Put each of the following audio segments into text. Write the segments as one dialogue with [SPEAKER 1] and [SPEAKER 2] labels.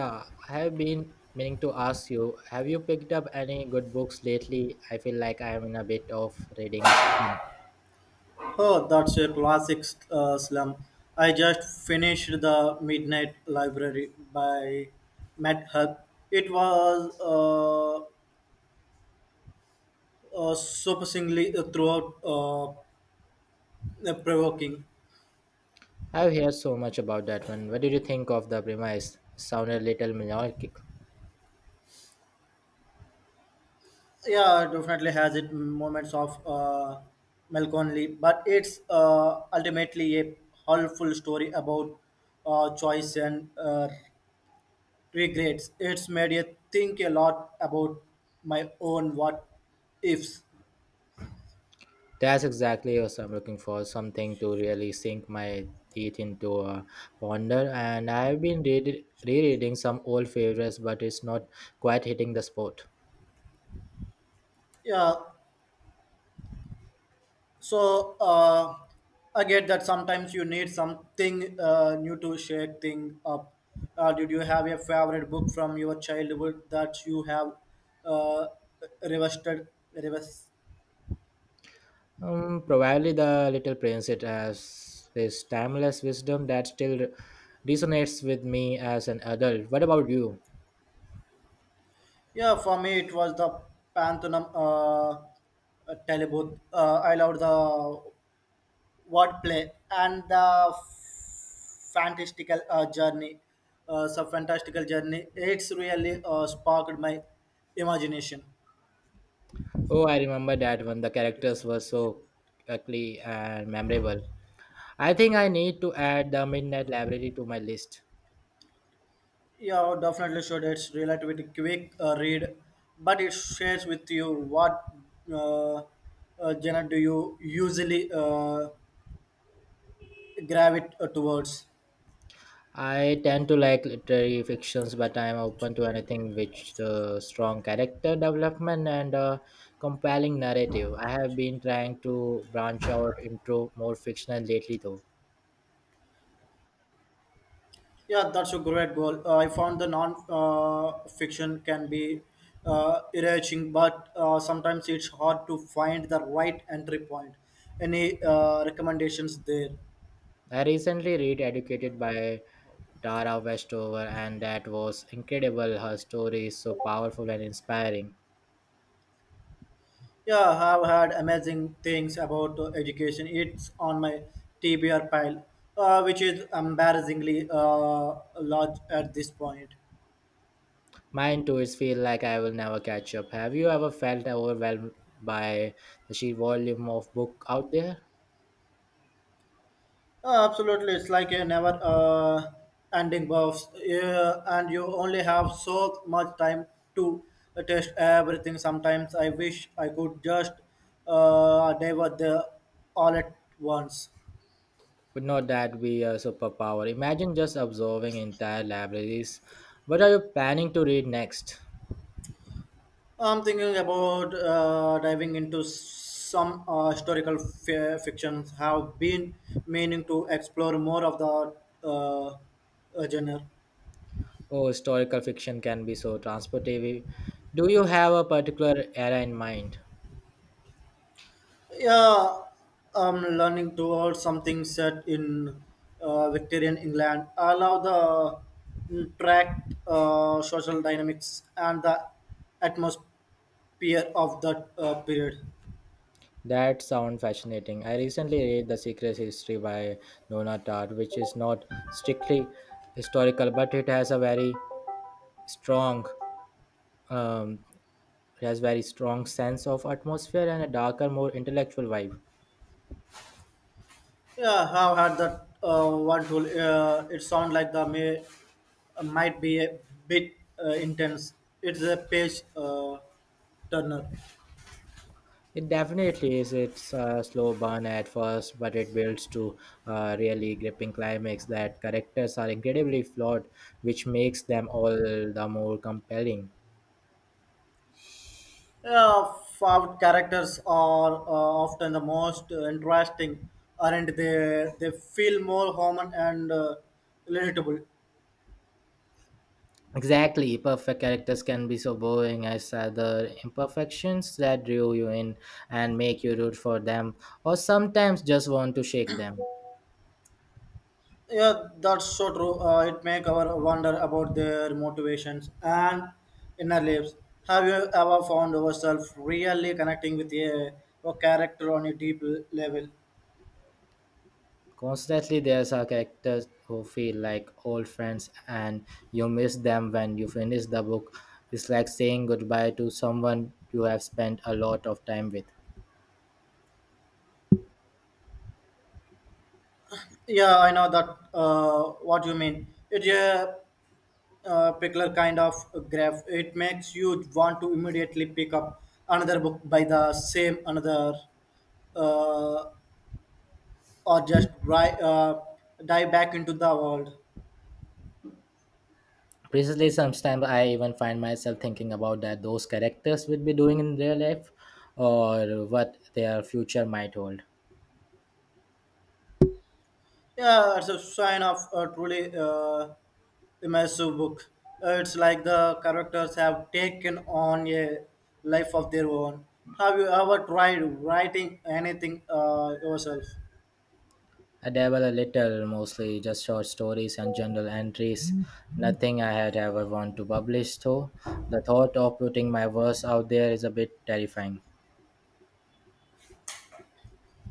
[SPEAKER 1] Yeah, I have been meaning to ask you, have you picked up any good books lately? I feel like I am in a bit of reading a slump.
[SPEAKER 2] Oh, that's a classic slum. I just finished The Midnight Library by Matt Hug. It was surprisingly throughout provoking.
[SPEAKER 1] I've heard so much about that one. What did you think of the premise? It sounded a little melodic.
[SPEAKER 2] Yeah, it definitely has its moments of melancholy, but it's ultimately a helpful story about choice and regrets. It's made you think a lot about my own what ifs.
[SPEAKER 1] That's exactly what I'm looking for, something to really sink my teeth into a ponder. And I've been rereading some old favorites, but it's not quite hitting the spot.
[SPEAKER 2] Yeah, so I get that sometimes you need something new to shake things up. Did you have a favorite book from your childhood that you have uh, revisited? Revis-
[SPEAKER 1] Probably the Little Prince. It has this timeless wisdom that still resonates with me as an adult. What about you?
[SPEAKER 2] yeah, for me it was the Pantheon I loved the wordplay and the fantastical journey. It's a fantastical journey. It's really sparked my imagination.
[SPEAKER 1] Oh, I remember that when the characters were
[SPEAKER 2] Definitely
[SPEAKER 1] so
[SPEAKER 2] should.
[SPEAKER 1] ugly and memorable. I think I need to add the Midnight Library to my list.
[SPEAKER 2] Yeah, definitely should. It's relatively quick read, but it shares with you what uh, genre do you usually gravitate towards.
[SPEAKER 1] I tend to like literary fictions, but I am
[SPEAKER 2] That's
[SPEAKER 1] open to
[SPEAKER 2] a great goal.
[SPEAKER 1] anything which the strong character development and a compelling narrative. I have been trying to branch out into more fictional lately, though.
[SPEAKER 2] Yeah, that's a great goal. I found the non fiction can be enriching, but sometimes it's hard to find the right entry point. Any recommendations there?
[SPEAKER 1] I recently read Educated by Tara Westover, and that was incredible. Her story is so powerful and inspiring.
[SPEAKER 2] Yeah, I've heard amazing things about education. It's on my TBR pile, which is embarrassingly large at this point.
[SPEAKER 1] Mine too, it feels like I will never catch up. Have you ever felt overwhelmed by the sheer volume of book out there?
[SPEAKER 2] Absolutely, it's like a never ending buffs, yeah, and you only have so much time to test everything. Sometimes I wish I could just dive at the all at once.
[SPEAKER 1] Would not that be a superpower? Imagine just absorbing entire libraries. What are you planning to read next?
[SPEAKER 2] I'm thinking about diving into some historical fictions. Have been meaning to explore more of the genre.
[SPEAKER 1] Oh, historical fiction can be so transportive. Do you have a particular era in mind?
[SPEAKER 2] Yeah, I'm learning towards something set in Victorian England. I love the social dynamics and the atmosphere of that period.
[SPEAKER 1] That sounds fascinating. I recently read The Secret History by Nona Tartt, which is not strictly historical, but it has a very strong, um, it has very strong sense of atmosphere and a darker, more intellectual vibe.
[SPEAKER 2] Yeah, I've had that one tool. It sounds like the may might be a bit intense. It's a page turner.
[SPEAKER 1] It definitely is. It's a slow burn at first, but it builds to a really gripping climax. That characters are incredibly flawed, which makes them all the more compelling.
[SPEAKER 2] Yeah, found characters are often the most interesting, aren't they? They feel more human and relatable.
[SPEAKER 1] Exactly, perfect characters can be so boring as other imperfections that drew you in and make you root for them, or sometimes just want to shake them.
[SPEAKER 2] Yeah, that's so true. It make our wonder about their motivations and inner lives. Have you ever found yourself really connecting with a character on a deep level?
[SPEAKER 1] Constantly, there's our characters who feel like old friends, and you miss them when you finish the book. It's like saying goodbye to someone you have spent a lot of time with.
[SPEAKER 2] Yeah, I know that. What you mean? It's a particular kind of graph. It makes you want to immediately pick up another book by the same another, uh, or just dive back into the world.
[SPEAKER 1] Precisely, sometimes I even find myself thinking about that those characters would be doing in their life, or what their future might hold.
[SPEAKER 2] Yeah, it's a sign of a truly immersive book. It's like the characters have taken on a life of their own. Have you ever tried writing anything yourself?
[SPEAKER 1] I dabble a little, mostly just short stories and journal entries. Nothing I had ever want to publish, though. The thought of putting my verse out there is a bit terrifying.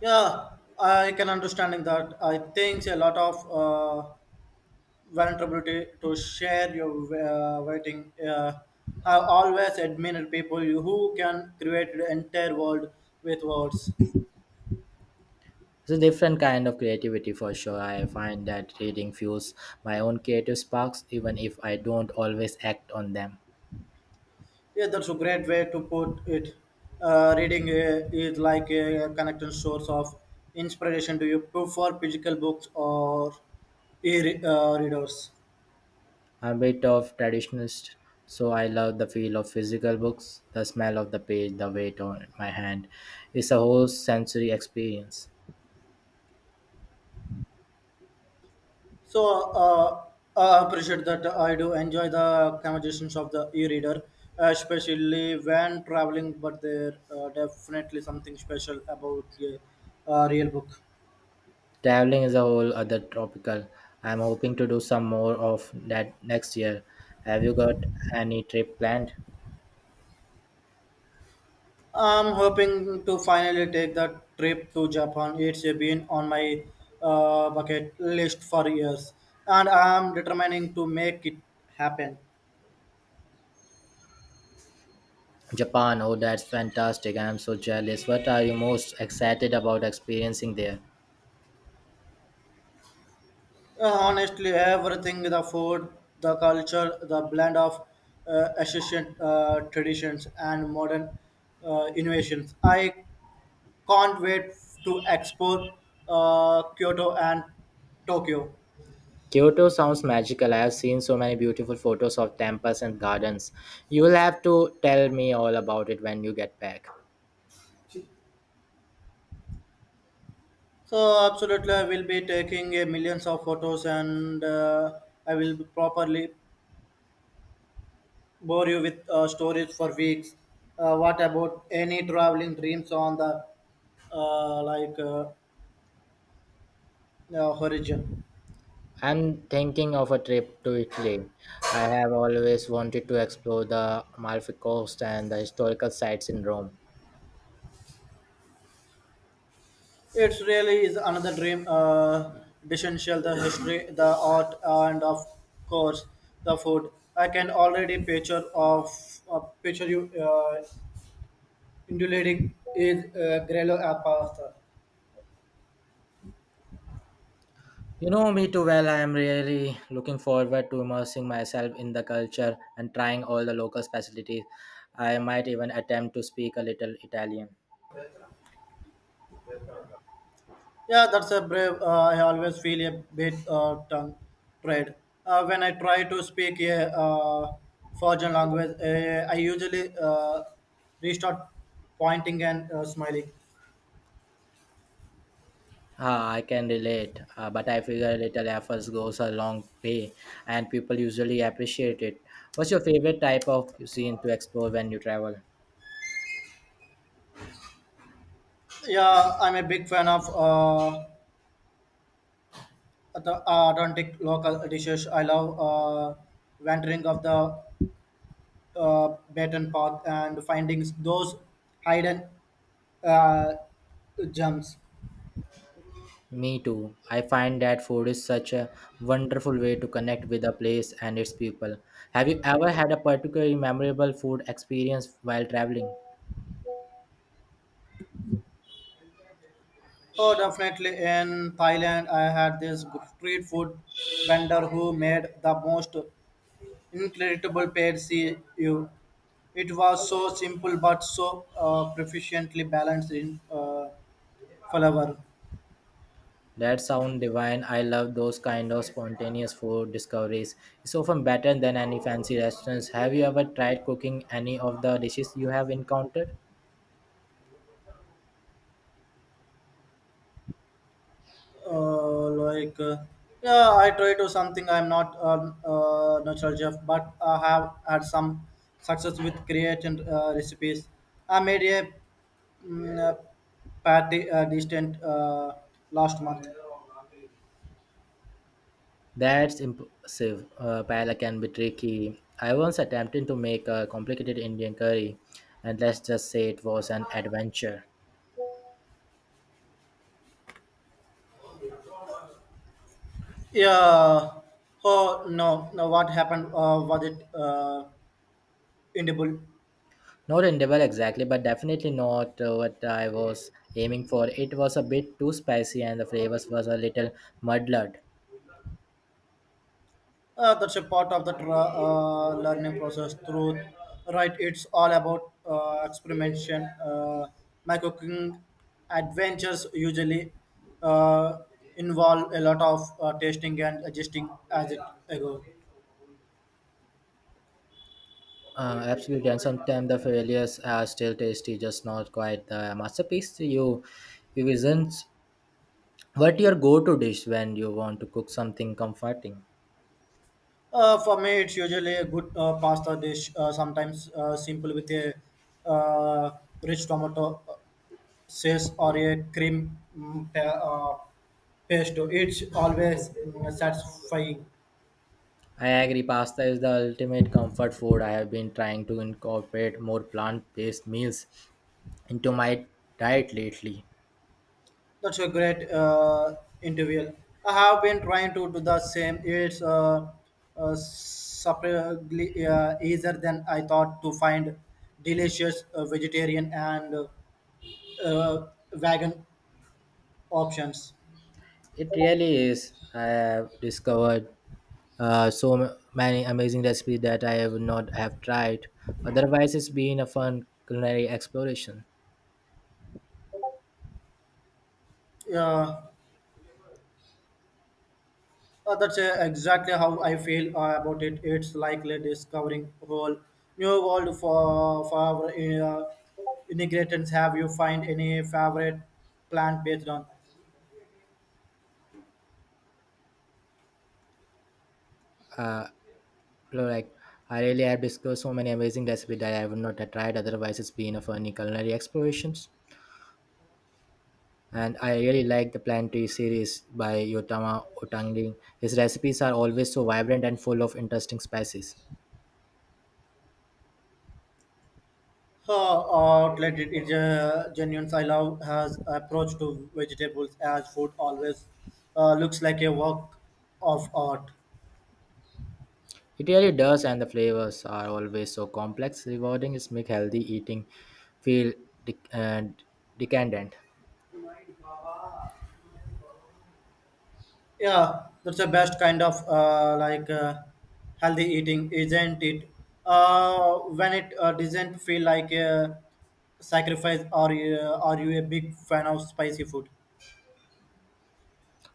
[SPEAKER 2] Yeah, I can understand in that. I think a lot of vulnerability to share your writing. I always admired people who can create the entire world with words.
[SPEAKER 1] It's a different kind of creativity for sure. I find that reading fuels my own creative sparks, even if I don't always act on them.
[SPEAKER 2] Yeah, that's a great way to put it. Reading is like a connecting source of inspiration to you prefer physical books or e-readers.
[SPEAKER 1] I'm a bit of traditionalist, so I love the feel of physical books, the smell of the page, the weight on my hand. It's a whole sensory experience.
[SPEAKER 2] So I appreciate that I do enjoy the conversations of the e-reader, especially when traveling. But there definitely something special about a real book.
[SPEAKER 1] Traveling is a whole other tropical. I'm hoping to do some more of that next year. Have you got any trip planned?
[SPEAKER 2] I'm hoping to finally take the trip to Japan. It's been on my bucket list for years, and I'm determining to make it happen.
[SPEAKER 1] Japan, oh, that's fantastic. I'm so jealous. What are you most excited about experiencing there?
[SPEAKER 2] Honestly, everything the food, the culture, the blend of ancient traditions and modern innovations. I can't wait to explore Kyoto and Tokyo.
[SPEAKER 1] Kyoto sounds magical. I have seen so many beautiful photos of temples and gardens. You will have to tell me all about it when you get back.
[SPEAKER 2] So absolutely, I will be taking millions of photos, and I will properly bore you with stories for weeks. What about any traveling dreams on the uh, like uh, horizon?
[SPEAKER 1] I'm thinking of a trip to Italy. I have always wanted to explore the Amalfi Coast and the historical sites in Rome.
[SPEAKER 2] It really is another dream. Essential the history, the art, and of course the food. I can already picture of picture you indulating is Grello pasta.
[SPEAKER 1] You know me too well. I am really looking forward to immersing myself in the culture and trying all the local specialties. I might even attempt to speak a little Italian.
[SPEAKER 2] Yeah, that's a brave. I always feel a bit tongue tied when I try to speak a foreign language. I usually restart pointing and smiling.
[SPEAKER 1] Ah, I can relate, but I figure little efforts goes a long way, and people usually appreciate it. What's your favorite type of cuisine to explore when you travel?
[SPEAKER 2] Yeah, I'm a big fan of the Atlantic local dishes. I love wandering of the beaten path and finding those hidden uh, gems.
[SPEAKER 1] Me too. I find that food is such a wonderful way to connect with a place and its people. Have you ever had a particularly memorable food experience while traveling?
[SPEAKER 2] Oh, definitely in Thailand, I had this good street food vendor who made the most incredible pad see ew. It was so simple but so proficiently balanced in flavor.
[SPEAKER 1] That sound divine. I love those kind of spontaneous food discoveries. It's often better than any fancy restaurants. Have you ever tried cooking any of the dishes you have encountered?
[SPEAKER 2] Uh, like uh, yeah, I try to something. I'm not a natural chef, but I have had some success with creating recipes. I made a patty distant last month.
[SPEAKER 1] That's impressive. Paella can be tricky. I once attempted to make a complicated Indian curry, and let's just say it was an adventure.
[SPEAKER 2] Yeah. Oh, no, no, what happened? Was it edible?
[SPEAKER 1] Not endeavor exactly, but definitely not what I was aiming for. It was a bit too spicy, and the flavors was a little muddled.
[SPEAKER 2] That's a part of the learning process through, right? It's all about experimentation. My cooking adventures usually uh, involve a lot of tasting and adjusting as it goes.
[SPEAKER 1] Absolutely, and sometimes the failures are still tasty, just not quite the masterpiece. You isn't what your go-to dish when you want to cook something comforting.
[SPEAKER 2] For me it's usually a good pasta dish, sometimes simple with a uh, rich tomato sauce or a cream pesto. It's always satisfying.
[SPEAKER 1] I agree, pasta is the ultimate comfort food. I have been trying to incorporate more plant-based meals into my diet lately.
[SPEAKER 2] That's a great interview. I have been trying to do the same. It's surprisingly easier than I thought to find delicious vegetarian and uh, vegan options.
[SPEAKER 1] It really is. I have discovered so many amazing recipes that I have not have tried. Otherwise, it's been a fun culinary exploration.
[SPEAKER 2] Uh, that's exactly how I feel about it. It's likely discovering whole new world for our, ingredients. Have you find any favorite plant based on?
[SPEAKER 1] Uh, you like I really have discovered so many amazing recipes that I would not have tried otherwise. It's been a funny culinary explorations. And I really like the Planetary series by Yotama Otangi. His recipes are always so vibrant and full of interesting spices.
[SPEAKER 2] Outlet it is genuine. I love has approach to vegetables as food always looks like a work of art.
[SPEAKER 1] It really does, and the flavors are always so complex, rewarding. It's make healthy eating feel dec- uh, decadent.
[SPEAKER 2] Yeah, that's the best kind of healthy eating, isn't it? When it doesn't feel like a sacrifice, are you a big fan of spicy food?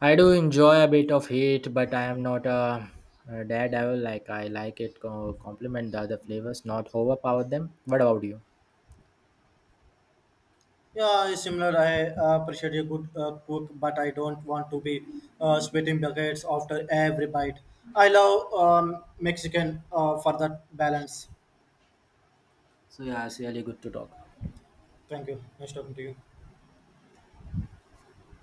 [SPEAKER 1] I do enjoy a bit of heat, but I am not a daredevil. Like I like it complement the other flavors, not overpower them. What about you?
[SPEAKER 2] Yeah, it's similar. I appreciate a good cook, but I don't want to be spitting buckets after every bite. I love Mexican for that balance.
[SPEAKER 1] So yeah, it's really good to talk.
[SPEAKER 2] Thank you. Nice talking to you.